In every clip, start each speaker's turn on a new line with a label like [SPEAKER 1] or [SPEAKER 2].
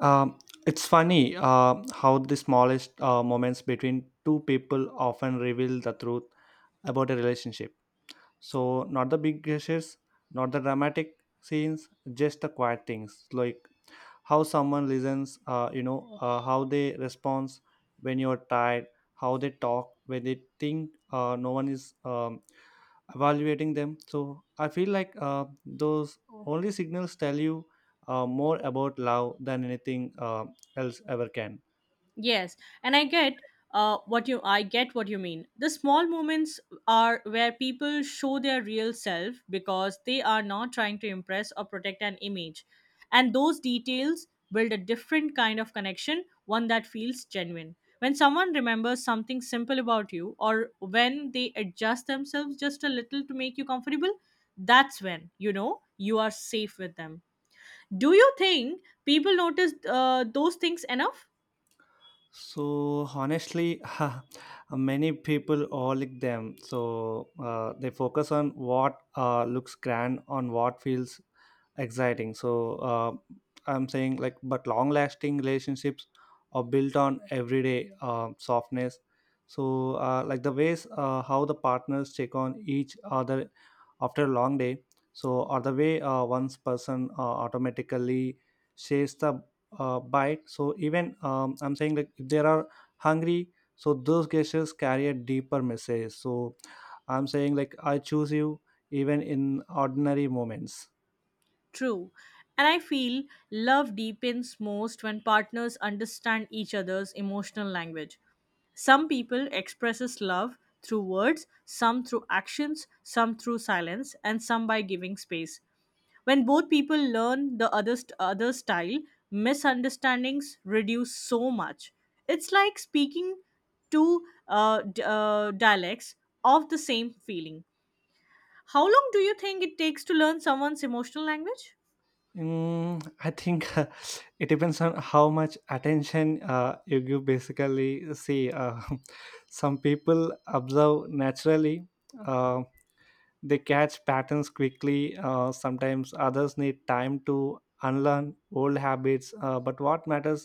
[SPEAKER 1] Um, it's funny how the smallest moments between two people often reveal the truth about a relationship. So, not the big gestures, not the dramatic scenes, just the quiet things like how someone listens how they respond when you're tired, how they talk when they think no one is evaluating them. So I feel like those only signals tell you more about love than anything else ever can.
[SPEAKER 2] Yes, and I get what you I get what you mean. The small moments are where people show their real self because they are not trying to impress or protect an image, and those details build a different kind of connection, one that feels genuine. When someone remembers something simple about you, or when they adjust themselves just a little to make you comfortable, that's when you know you are safe with them. Do you think people notice those things enough?
[SPEAKER 1] So honestly, many people all like them. So they focus on what looks grand, on what feels exciting. So I'm saying like, but long-lasting relationships are built on everyday softness. So like the ways how the partners check on each other after a long day. So or the way one's person automatically shares the bite, so even I'm saying like, if they are hungry, so those gestures carry a deeper message. So I'm saying like, I choose you even in ordinary moments.
[SPEAKER 2] True. And I feel love deepens most when partners understand each other's emotional language. Some people expresses love through words, some through actions, some through silence, and some by giving space. When both people learn the other's other style, misunderstandings reduce so much. It's like speaking two dialects of the same feeling. How long do you think it takes to learn someone's emotional language?
[SPEAKER 1] Mm, I think it depends on how much attention you give. Basically, see, some people observe naturally, um, they catch patterns quickly. Sometimes others need time to unlearn old habits. But what matters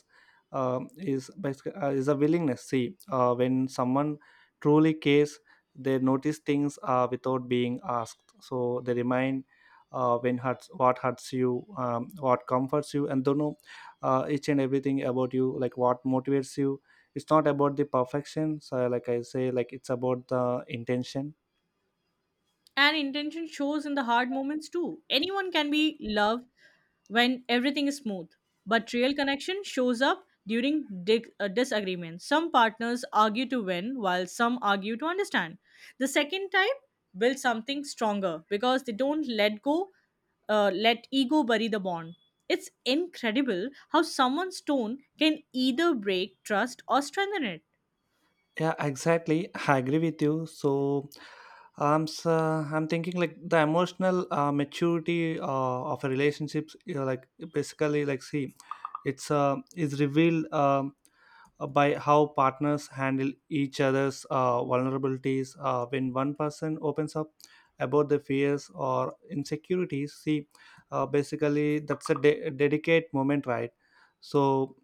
[SPEAKER 1] is a willingness. See, when someone truly cares, they notice things without being asked. So they remind when hurts, what hurts you, what comforts you, and don't know each and everything about you, like what motivates you. It's not about the perfection. So, like I say, like, it's about the intention.
[SPEAKER 2] And intention shows in the hard moments too. Anyone can be loved when everything is smooth, but real connection shows up during disagreements. Some partners argue to win, while some argue to understand. The second type builds something stronger because they don't let go, let ego bury the bond. It's incredible how someone's tone can either break trust or strengthen it.
[SPEAKER 1] Yeah, exactly. I agree with you. So, I'm thinking like the emotional maturity of a relationships. You know, like basically, like see, it's is revealed by how partners handle each other's vulnerabilities. When one person opens up about the fears or insecurities, see, basically that's a dedicate moment, right? So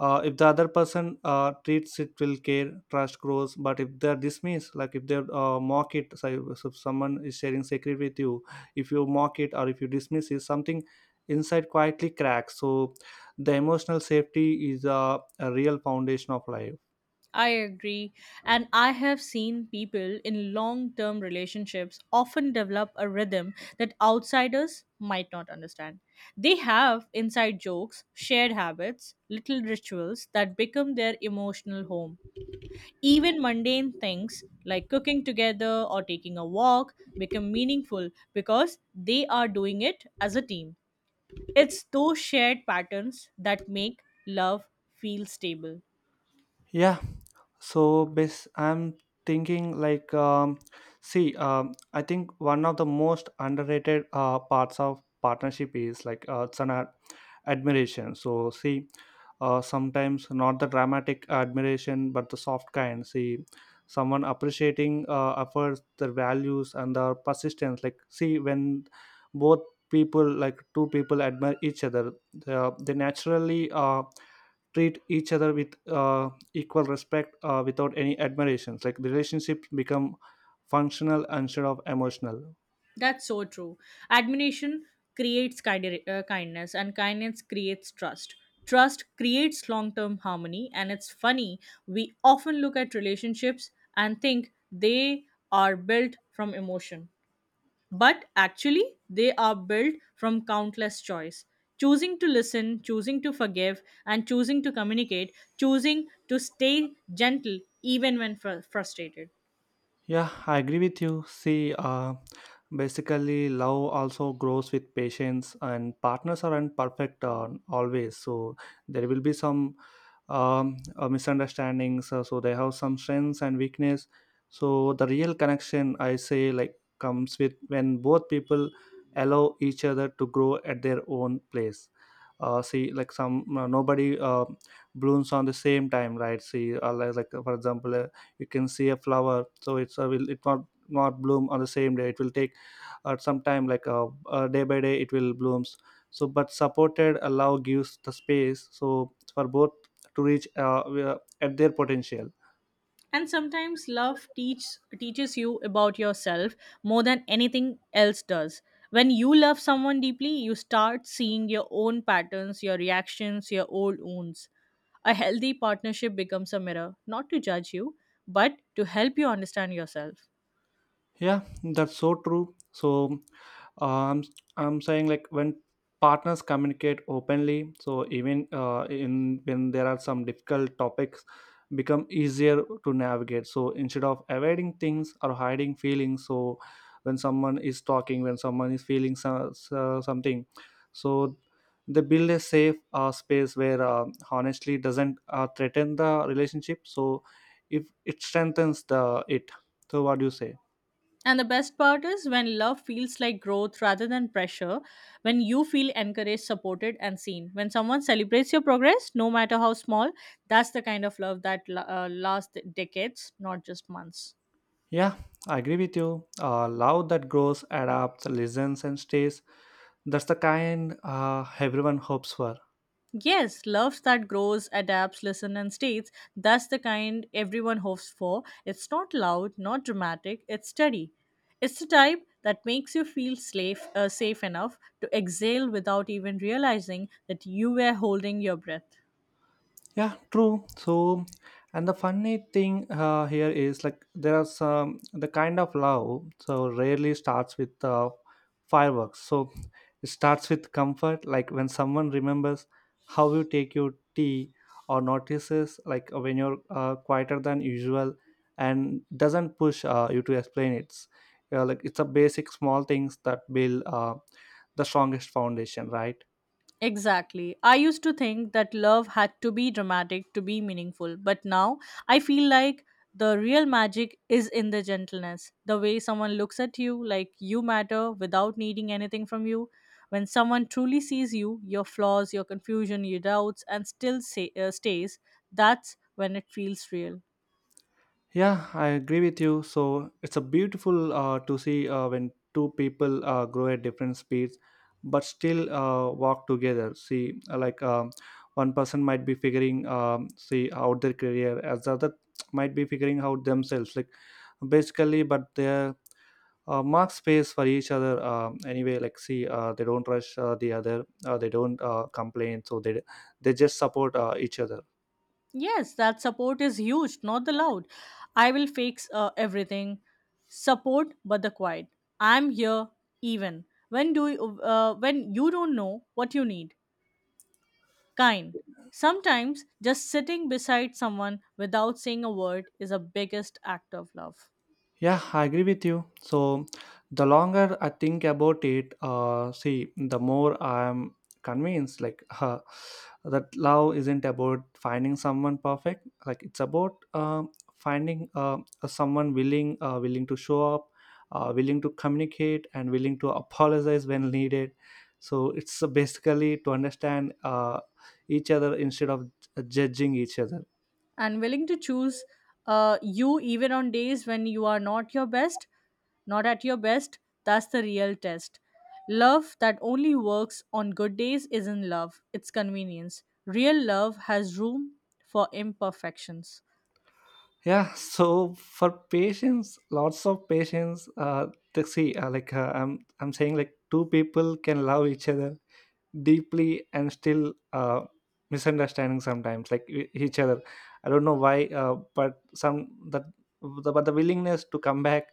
[SPEAKER 1] if the other person treats it will care, trust grows, but if they're dismissed, like if they mock it, so if someone is sharing secret with you, if you mock it or if you dismiss it, something inside quietly cracks. So the emotional safety is a real foundation of life.
[SPEAKER 2] I agree. And I have seen people in long term relationships often develop a rhythm that outsiders might not understand. They have inside jokes, shared habits, little rituals that become their emotional home. Even mundane things like cooking together or taking a walk become meaningful because they are doing it as a team. It's those shared patterns that make love feel stable.
[SPEAKER 1] Yeah. So, bas I'm thinking like, see, I think one of the most underrated parts of partnership is like it's admiration. So, see, sometimes not the dramatic admiration, but the soft kind. See, someone appreciating efforts, their values, and their persistence. Like, see, when both people, like two people, admire each other, they naturally uh, treat each other with equal respect without any admirations, like relationships become functional instead of emotional.
[SPEAKER 2] That's so true. Admiration creates kindness, and kindness creates trust. Trust creates long term harmony, and it's funny. We often look at relationships and think they are built from emotion, but actually, they are built from countless choice. Choosing to listen, choosing to forgive, and choosing to communicate, choosing to stay gentle even when frustrated.
[SPEAKER 1] Yeah, I agree with you. See, basically, love also grows with patience, and partners aren't perfect always. So there will be some misunderstandings. So they have some strengths and weakness. So the real connection, I say, like, comes with when both people allow each other to grow at their own place. See, like some nobody blooms on the same time, right? See, like, for example, you can see a flower, so it's a will it not bloom on the same day, it will take some time, like day by day it will blooms. So but supported allow gives the space so for both to reach at their potential.
[SPEAKER 2] And sometimes love teaches you about yourself more than anything else does. When you love someone deeply you start seeing your own patterns, your reactions, your old wounds. A healthy partnership becomes a mirror, not to judge you but to help you understand yourself.
[SPEAKER 1] Yeah, that's so true. So, um, I'm saying like, when partners communicate openly, so even in when there are some difficult topics, become easier to navigate. So instead of avoiding things or hiding feelings, so when someone is talking, when someone is feeling something, so they build a safe space where honestly doesn't threaten the relationship. So if it strengthens the it. So what do you say?
[SPEAKER 2] And the best part is when love feels like growth rather than pressure, when you feel encouraged, supported, and seen. When someone celebrates your progress, no matter how small, that's the kind of love that lasts decades, not just months.
[SPEAKER 1] Yeah, I agree with you. Love that grows, adapts, listens, and stays. That's the kind everyone hopes for.
[SPEAKER 2] Yes, love that grows, adapts, listens, and stays. That's the kind everyone hopes for. It's not loud, not dramatic, it's steady. It's the type that makes you feel safe, safe enough to exhale without even realizing that you were holding your breath.
[SPEAKER 1] Yeah, true. So, and the funny thing here is, like, there are some the kind of love so rarely starts with fireworks. So it starts with comfort, like when someone remembers how you take your tea, or notices like when you're quieter than usual and doesn't push you to explain it. Like it's a basic small things that build the strongest foundation, right?
[SPEAKER 2] Exactly. I used to think that love had to be dramatic to be meaningful, but now I feel like the real magic is in the gentleness. The way someone looks at you like you matter without needing anything from you. When someone truly sees you, your flaws, your confusion, your doubts, and still stays, that's when it feels real.
[SPEAKER 1] Yeah, I agree with you. So it's a beautiful to see when two people grow at different speeds, but still walk together. See, like, one person might be figuring see out their career, as the other might be figuring out themselves. Like, basically, but they mark space for each other. Anyway, like see, they don't rush the other. They don't complain. So they just support each other.
[SPEAKER 2] Yes, that support is huge, not the loud. I will fix everything. Support, but the quiet. I'm here, even when when you don't know what you need. Kind. Sometimes just sitting beside someone without saying a word is the biggest act of love.
[SPEAKER 1] Yeah, I agree with you. So, the longer I think about it, see, the more I'm convinced, like, that love isn't about finding someone perfect. Like, it's about finding someone willing, willing to show up, willing to communicate, and willing to apologize when needed. So, it's basically to understand each other instead of judging each other.
[SPEAKER 2] And willing to choose you even on days when you are not at your best. That's the real test. Love that only works on good days isn't love, it's convenience. Real love has room for imperfections.
[SPEAKER 1] Yeah, so for patients, lots of patients, to see, like, I'm saying like, two people can love each other deeply and still misunderstanding sometimes, like each other. I don't know why, but some that the, but the willingness to come back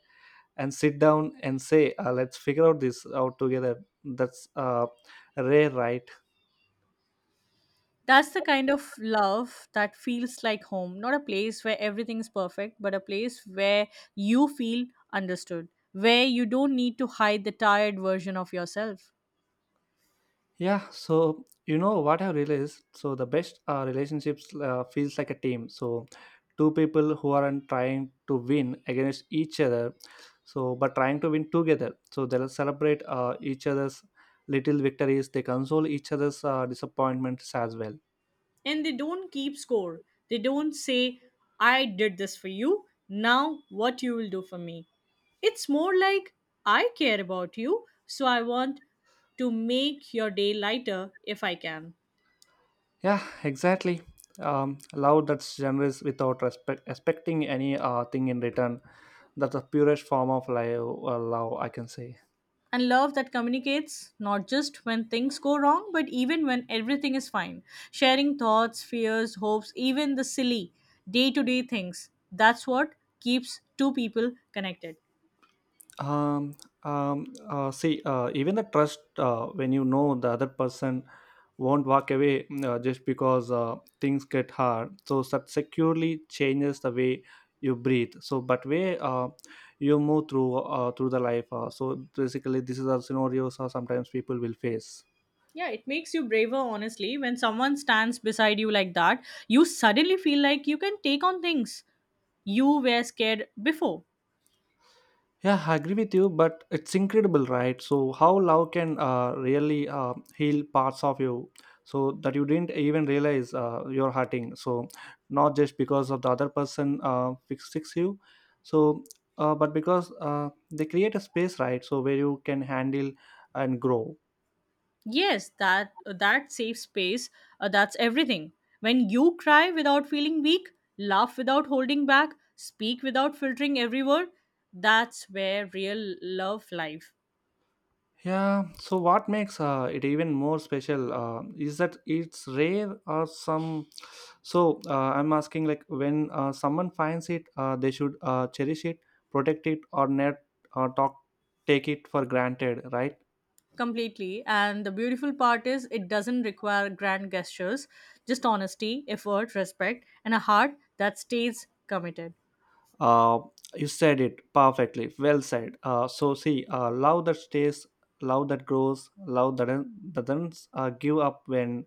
[SPEAKER 1] and sit down and say, let's figure out this out together, that's rare, right?
[SPEAKER 2] That's the kind of love that feels like home, not a place where everything is perfect, but a place where you feel understood, where you don't need to hide the tired version of yourself.
[SPEAKER 1] Yeah, so you know what I've realized. So the best relationships feels like a team. So two people who aren't trying to win against each other, so but trying to win together. So they'll celebrate each other's little victories. They console each other's disappointments as well.
[SPEAKER 2] And they don't keep score. They don't say, I did this for you, now what you will do for me. It's more like, I care about you, so I want to make your day lighter if I can.
[SPEAKER 1] Yeah, exactly. Love that's generous without respect, expecting any thing in return. That's the purest form of love, love I can say.
[SPEAKER 2] And love that communicates not just when things go wrong, but even when everything is fine. Sharing thoughts, fears, hopes, even the silly day to day things. That's what keeps two people connected.
[SPEAKER 1] um, See, even the trust, when you know the other person won't walk away, just because things get hard, so that securely changes the way you breathe, so but way you move through through the life, so basically this is the scenarios, sometimes people will face.
[SPEAKER 2] Yeah, it makes you braver, honestly. When someone stands beside you like that, you suddenly feel like you can take on things you were scared before.
[SPEAKER 1] Yeah, I agree with you, but it's incredible, right? So, how love can really heal parts of you so that you didn't even realize you're hurting. So, not just because of the other person fix you, so but because they create a space, right? So, where you can handle and grow.
[SPEAKER 2] Yes, that safe space, that's everything. When you cry without feeling weak, laugh without holding back, speak without filtering every word, that's where real love life
[SPEAKER 1] Yeah, so what makes it even more special is that it's rare or some. So I'm asking, like, when someone finds it, they should cherish it, protect it, or not or talk, take it for granted, right?
[SPEAKER 2] completely. And the beautiful part is it doesn't require grand gestures, just honesty, effort, respect, and a heart that stays committed.
[SPEAKER 1] Uh, you said it perfectly, well said. So see, love that stays, love that grows, love that doesn't give up when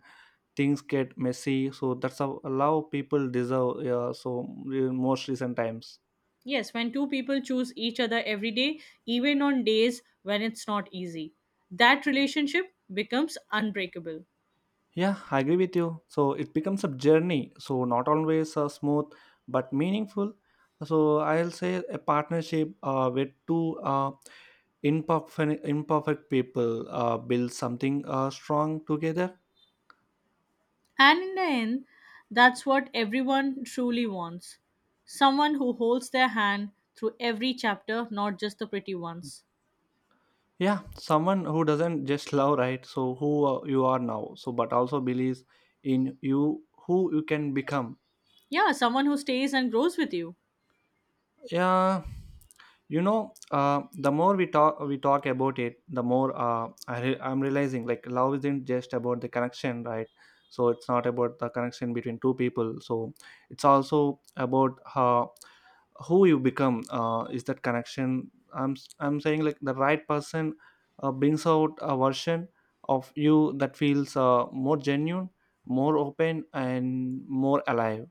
[SPEAKER 1] things get messy. So that's how love people deserve. So in most recent times.
[SPEAKER 2] Yes, when two people choose each other every day, even on days when it's not easy, that relationship becomes unbreakable.
[SPEAKER 1] Yeah, I agree with you. So it becomes a journey. So not always smooth, but meaningful. So I'll say a partnership with two imperfect people build something strong together.
[SPEAKER 2] And in the end, that's what everyone truly wants, someone who holds their hand through every chapter, not just the pretty ones.
[SPEAKER 1] Yeah, someone who doesn't just love, right? So who you are now, so but also believes in you, who you can become.
[SPEAKER 2] Yeah, someone who stays and grows with you.
[SPEAKER 1] Yeah, you know, the more we talk about it, the more I'm realizing like, love isn't just about the connection, right? So it's not about the connection between two people. So it's also about how who you become. Is that connection? I'm saying like, the right person brings out a version of you that feels more genuine, more open, and more alive.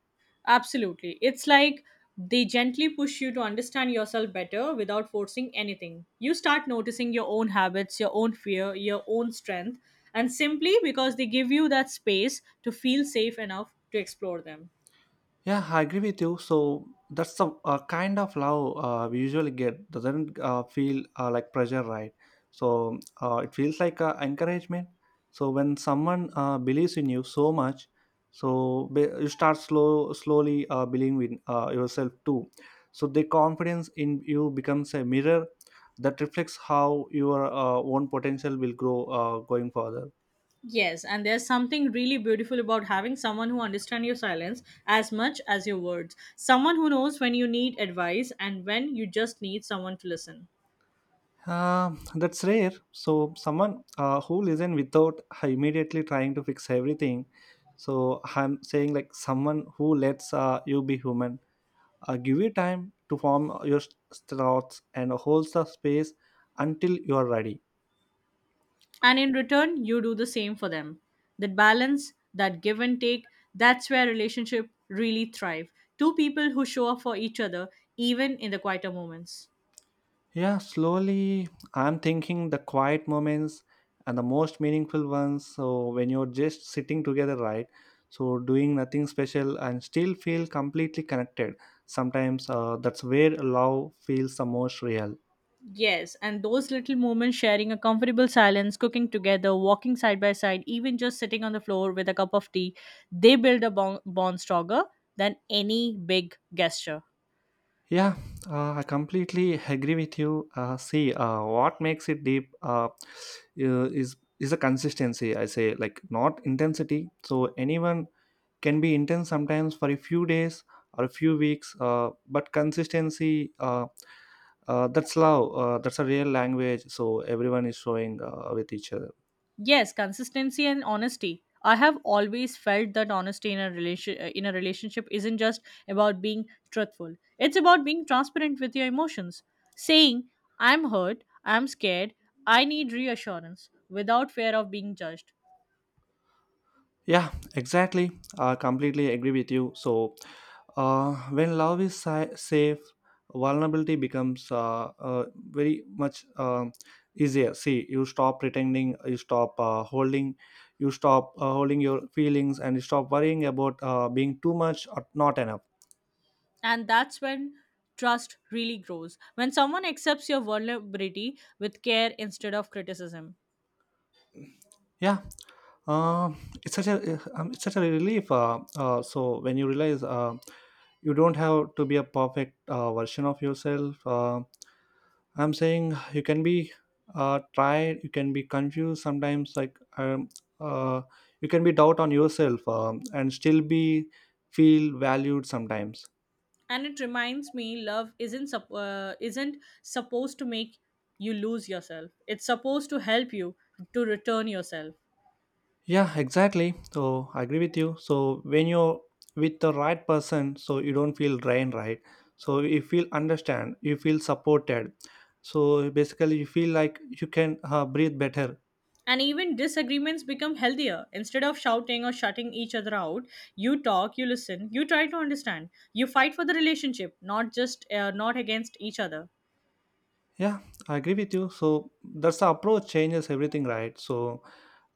[SPEAKER 2] Absolutely. It's like they gently push you to understand yourself better without forcing anything. You start noticing your own habits, your own fear, your own strength, and simply because they give you that space to feel safe enough to explore them.
[SPEAKER 1] Yeah, I agree with you. So that's the kind of love we usually get. Doesn't feel like pressure, right? So it feels like encouragement. So when someone believes in you so much, so you start slowly believing in yourself too. So the confidence in you becomes a mirror that reflects how your own potential will grow going further.
[SPEAKER 2] Yes, and there's something really beautiful about having someone who understands your silence as much as your words. Someone who knows when you need advice and when you just need someone to listen.
[SPEAKER 1] That's rare. So someone who listen without immediately trying to fix everything. So I'm saying like, someone who lets you be human, give you time to form your thoughts and holds the space until you are ready.
[SPEAKER 2] And in return, you do the same for them. That balance, that give and take, that's where relationship really thrive. Two people who show up for each other, even in the quieter moments.
[SPEAKER 1] Yeah, slowly I'm thinking the quiet moments and the most meaningful ones. So when you're just sitting together, right? So doing nothing special and still feel completely connected. Sometimes that's where love feels the most real.
[SPEAKER 2] Yes, and those little moments sharing a comfortable silence, cooking together, walking side by side, even just sitting on the floor with a cup of tea, they build a bond stronger than any big gesture.
[SPEAKER 1] Yeah, I completely agree with you. See, what makes it deep is a consistency. I say like not intensity. So anyone can be intense sometimes for a few days or a few weeks but consistency that's love, that's a real language so everyone is showing with each other.
[SPEAKER 2] Yes, consistency and honesty. I have always felt that honesty in a relationship isn't just about being truthful. It's about being transparent with your emotions, saying I'm hurt, I'm scared, I need reassurance without fear of being judged.
[SPEAKER 1] Yeah, exactly, I completely agree with you. So when love is safe, vulnerability becomes very much, easier. See, you stop pretending, you stop holding, you stop holding your feelings, and you stop worrying about being too much or not enough.
[SPEAKER 2] And that's when trust really grows. When someone accepts your vulnerability with care instead of criticism.
[SPEAKER 1] Yeah, uh, it's such a relief. So when you realize you don't have to be a perfect version of yourself, I'm saying you can be tired, you can be confused sometimes. Uh, you can be doubt on yourself, and still be feel valued sometimes.
[SPEAKER 2] And it reminds me, love isn't supposed to make you lose yourself, it's supposed to help you to return yourself.
[SPEAKER 1] Yeah, exactly. So I agree with you. So when you're with the right person, so you don't feel drained, right? So you feel understand, you feel supported. So basically, you feel like you can breathe better.
[SPEAKER 2] And even disagreements become healthier. Instead of shouting or shutting each other out, you talk, you listen, you try to understand, you fight for the relationship, not against each other.
[SPEAKER 1] Yeah, I agree with you. So that's the approach changes everything, right? So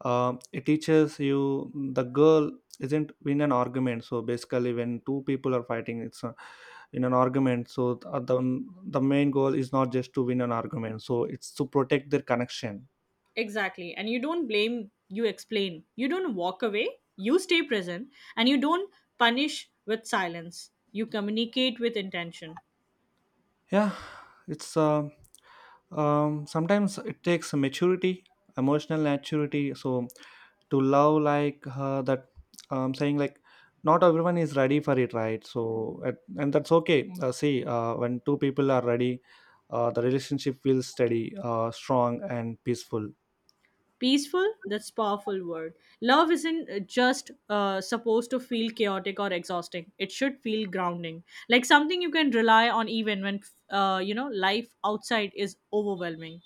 [SPEAKER 1] it teaches you the girl isn't in an argument. So basically, when two people are fighting, it's a, in an argument. So the main goal is not just to win an argument. So it's to protect their connection.
[SPEAKER 2] Exactly, and you don't blame, you explain. You don't walk away, you stay present, and you don't punish with silence. You communicate with intention.
[SPEAKER 1] Yeah, it's sometimes it takes maturity, emotional maturity. So to love like that, I'm saying like not everyone is ready for it, right? So and that's okay. See, when two people are ready, the relationship feels steady, strong, and peaceful.
[SPEAKER 2] Peaceful, that's powerful word. Love isn't just supposed to feel chaotic or exhausting, it should feel grounding, like something you can rely on even when, you know, life outside is overwhelming.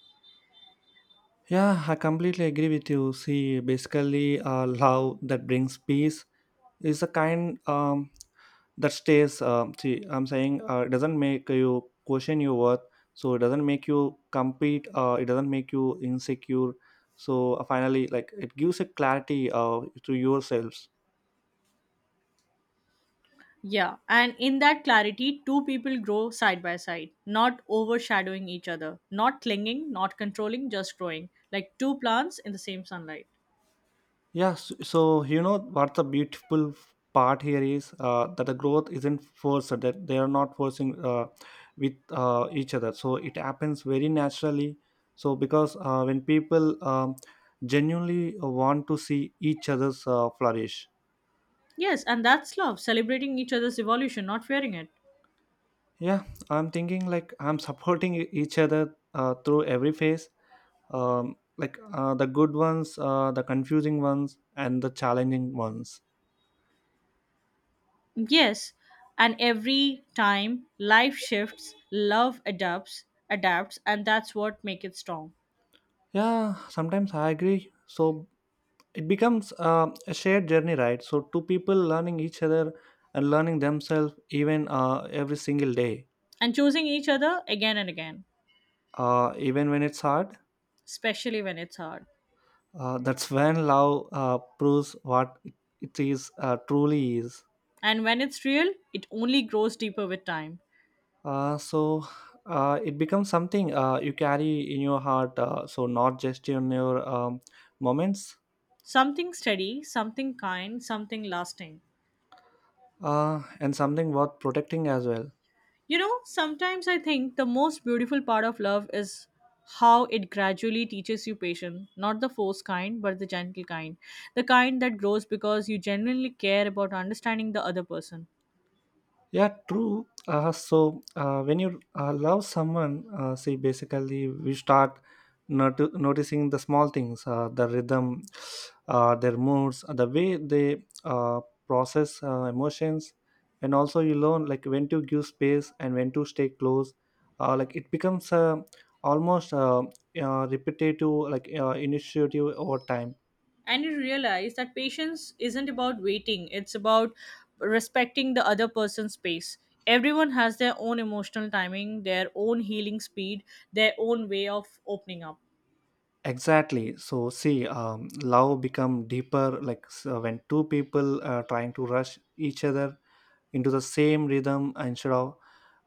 [SPEAKER 1] Yeah, I completely agree with you. See, basically, love that brings peace is a kind that stays. See, I'm saying it doesn't make you question your worth, so it doesn't make you compete, it doesn't make you insecure. So finally, like, it gives a clarity to yourselves.
[SPEAKER 2] Yeah, and in that clarity two people grow side by side, not overshadowing each other, not clinging, not controlling, just growing like two plants in the same sunlight.
[SPEAKER 1] Yeah, so, so you know what the beautiful part here is, that the growth isn't forced, that they are not forcing with each other, so it happens very naturally. So because when people genuinely want to see each other's flourish.
[SPEAKER 2] Yes, and that's love, celebrating each other's evolution, not fearing it.
[SPEAKER 1] Yeah, I'm thinking like I'm supporting each other through every phase, like the good ones, the confusing ones, and the challenging ones.
[SPEAKER 2] Yes, and every time life shifts, love adapts, and that's what makes it strong.
[SPEAKER 1] Yeah, sometimes I agree. So it becomes a shared journey, right? So two people learning each other and learning themselves even every single day,
[SPEAKER 2] And choosing each other again and again,
[SPEAKER 1] even when it's hard.
[SPEAKER 2] especially when it's hard.
[SPEAKER 1] That's when love proves what it is truly is.
[SPEAKER 2] And when it's real, it only grows deeper with time.
[SPEAKER 1] So it becomes something you carry in your heart, so not just in your moments,
[SPEAKER 2] Something steady, something kind, something lasting.
[SPEAKER 1] and something worth protecting as well.
[SPEAKER 2] You know, sometimes I think the most beautiful part of love is how it gradually teaches you patience, not the forced kind, but the gentle kind. The kind that grows because you genuinely care about understanding the other person.
[SPEAKER 1] Yeah, true. So when you love someone, see, basically we start noticing the small things, the rhythm, their moods, the way they process emotions, and also you learn like when to give space and when to stay close. Like it becomes almost repetitive, like initiative over time.
[SPEAKER 2] And you realize that patience isn't about waiting, it's about respecting the other person's space. Everyone has their own emotional timing, their own healing speed, their own way of opening up.
[SPEAKER 1] Exactly, so see, love become deeper like. So when two people are trying to rush each other into the same rhythm instead of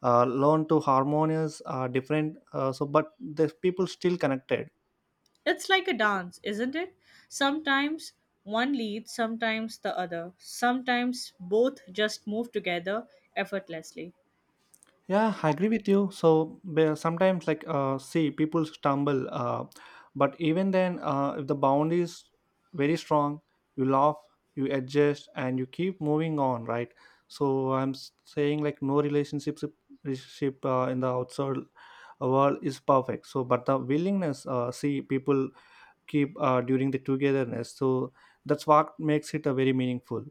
[SPEAKER 1] learn to harmonious are different, so but the people still connected.
[SPEAKER 2] It's like a dance, isn't it? Sometimes one leads, sometimes the other. Sometimes both just move together effortlessly.
[SPEAKER 1] Yeah, I agree with you. So sometimes, like, see, people stumble, but even then, if the bound is very strong, you laugh, you adjust, and you keep moving on, right? So I'm saying like no relationship in the outside world is perfect. So, but the willingness, see, people keep during the togetherness. So that's what makes it a very meaningful.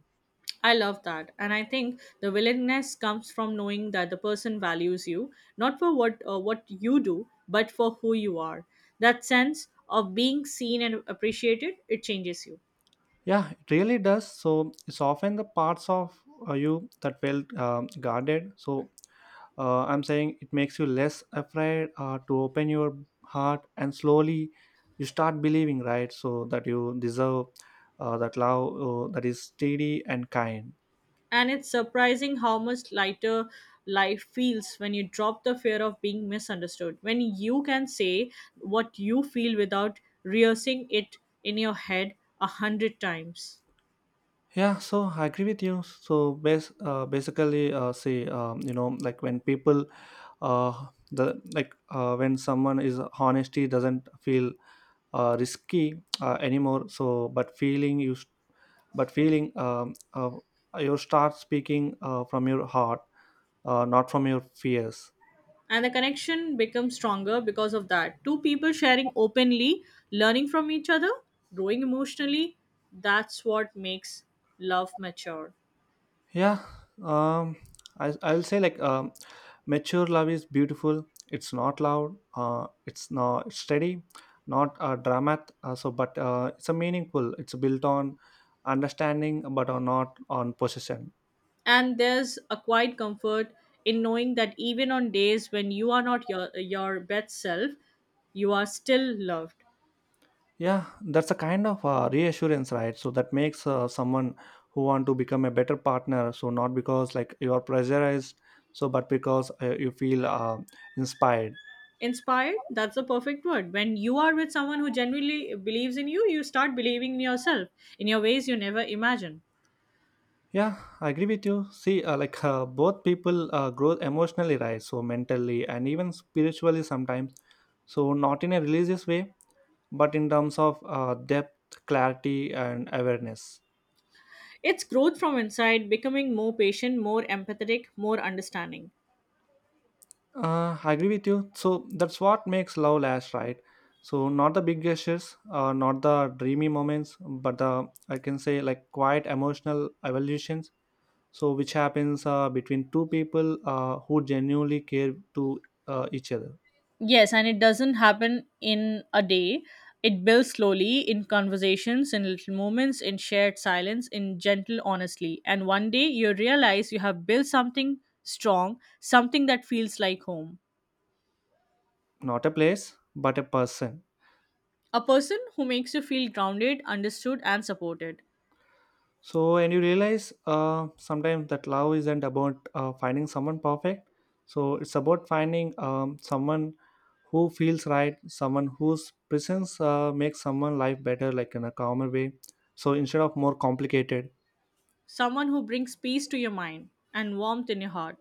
[SPEAKER 2] I love that. And I think the willingness comes from knowing that the person values you, not for what you do, but for who you are. That sense of being seen and appreciated, it changes you.
[SPEAKER 1] Yeah, it really does. So it's often the parts of you that felt guarded. So I'm saying it makes you less afraid to open your heart, and slowly you start believing, right? So that you deserve that love that is steady and kind.
[SPEAKER 2] And it's surprising how much lighter life feels when you drop the fear of being misunderstood. When you can say what you feel without rehearsing it in your head a hundred times.
[SPEAKER 1] Yeah, so I agree with you. So basically, say you know, like when people, uh, the like when someone is honesty doesn't feel risky anymore, so but feeling you, but feeling you start speaking from your heart, not from your fears.
[SPEAKER 2] And the connection becomes stronger because of that. Two people sharing openly, learning from each other, growing emotionally, that's what makes love mature.
[SPEAKER 1] Yeah, um, I, I'll say like, mature love is beautiful, it's not loud, it's steady, not dramat so but it's a meaningful, it's built on understanding, but on not on possession.
[SPEAKER 2] And there's a quiet comfort in knowing that even on days when you are not your, your best self, you are still loved.
[SPEAKER 1] Yeah, that's a kind of reassurance, right? So that makes someone who want to become a better partner. So not because like you are pressurized, so but because you feel inspired.
[SPEAKER 2] Inspired, that's the perfect word. When you are with someone who genuinely believes in you, you start believing in yourself in your ways you never imagined.
[SPEAKER 1] Yeah, I agree with you. See, like both people grow emotionally, right? So mentally and even spiritually sometimes. So not in a religious way, but in terms of depth, clarity, and awareness.
[SPEAKER 2] It's growth from inside, becoming more patient, more empathetic, more understanding.
[SPEAKER 1] I agree with you. So that's what makes love last, right? So not the big gestures, not the dreamy moments, but the I can say like quiet emotional evolutions. So which happens between two people who genuinely care to each other,
[SPEAKER 2] Yes, and it doesn't happen in a day. It builds slowly in conversations, in little moments, in shared silence, in gentle honesty. And one day you realize you have built something strong, something that feels like home.
[SPEAKER 1] not a place, but a person.
[SPEAKER 2] A person who makes you feel grounded, understood, and supported.
[SPEAKER 1] So, and you realize sometimes that love isn't about finding someone perfect. So, it's about finding someone who feels right, someone whose presence makes someone life better, like in a calmer way. So, instead of more complicated,
[SPEAKER 2] Someone who brings peace to your mind and warmth in your heart.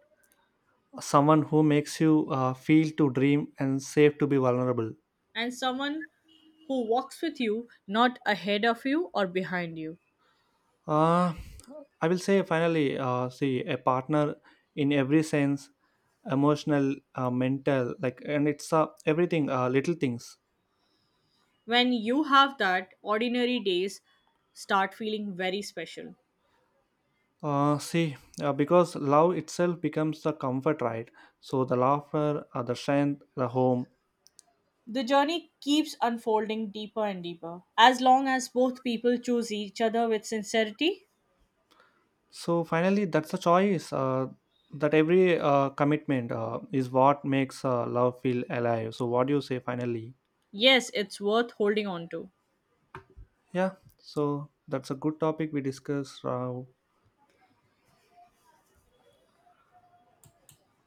[SPEAKER 1] someone who makes you feel to dream and safe to be vulnerable.
[SPEAKER 2] And someone who walks with you, not ahead of you or behind you.
[SPEAKER 1] Uh, I will say finally, see, a partner in every sense, emotional, mental, like, and it's everything, little things.
[SPEAKER 2] When you have that, ordinary days start feeling very special.
[SPEAKER 1] See, because love itself becomes the comfort, right? So the laughter, the strength, the home.
[SPEAKER 2] The journey keeps unfolding deeper and deeper. As long as both people choose each other with sincerity,
[SPEAKER 1] So finally, that's a choice. That every commitment is what makes love feel alive. So what do you say finally?
[SPEAKER 2] yes, it's worth holding on to.
[SPEAKER 1] Yeah. So that's a good topic we discussed.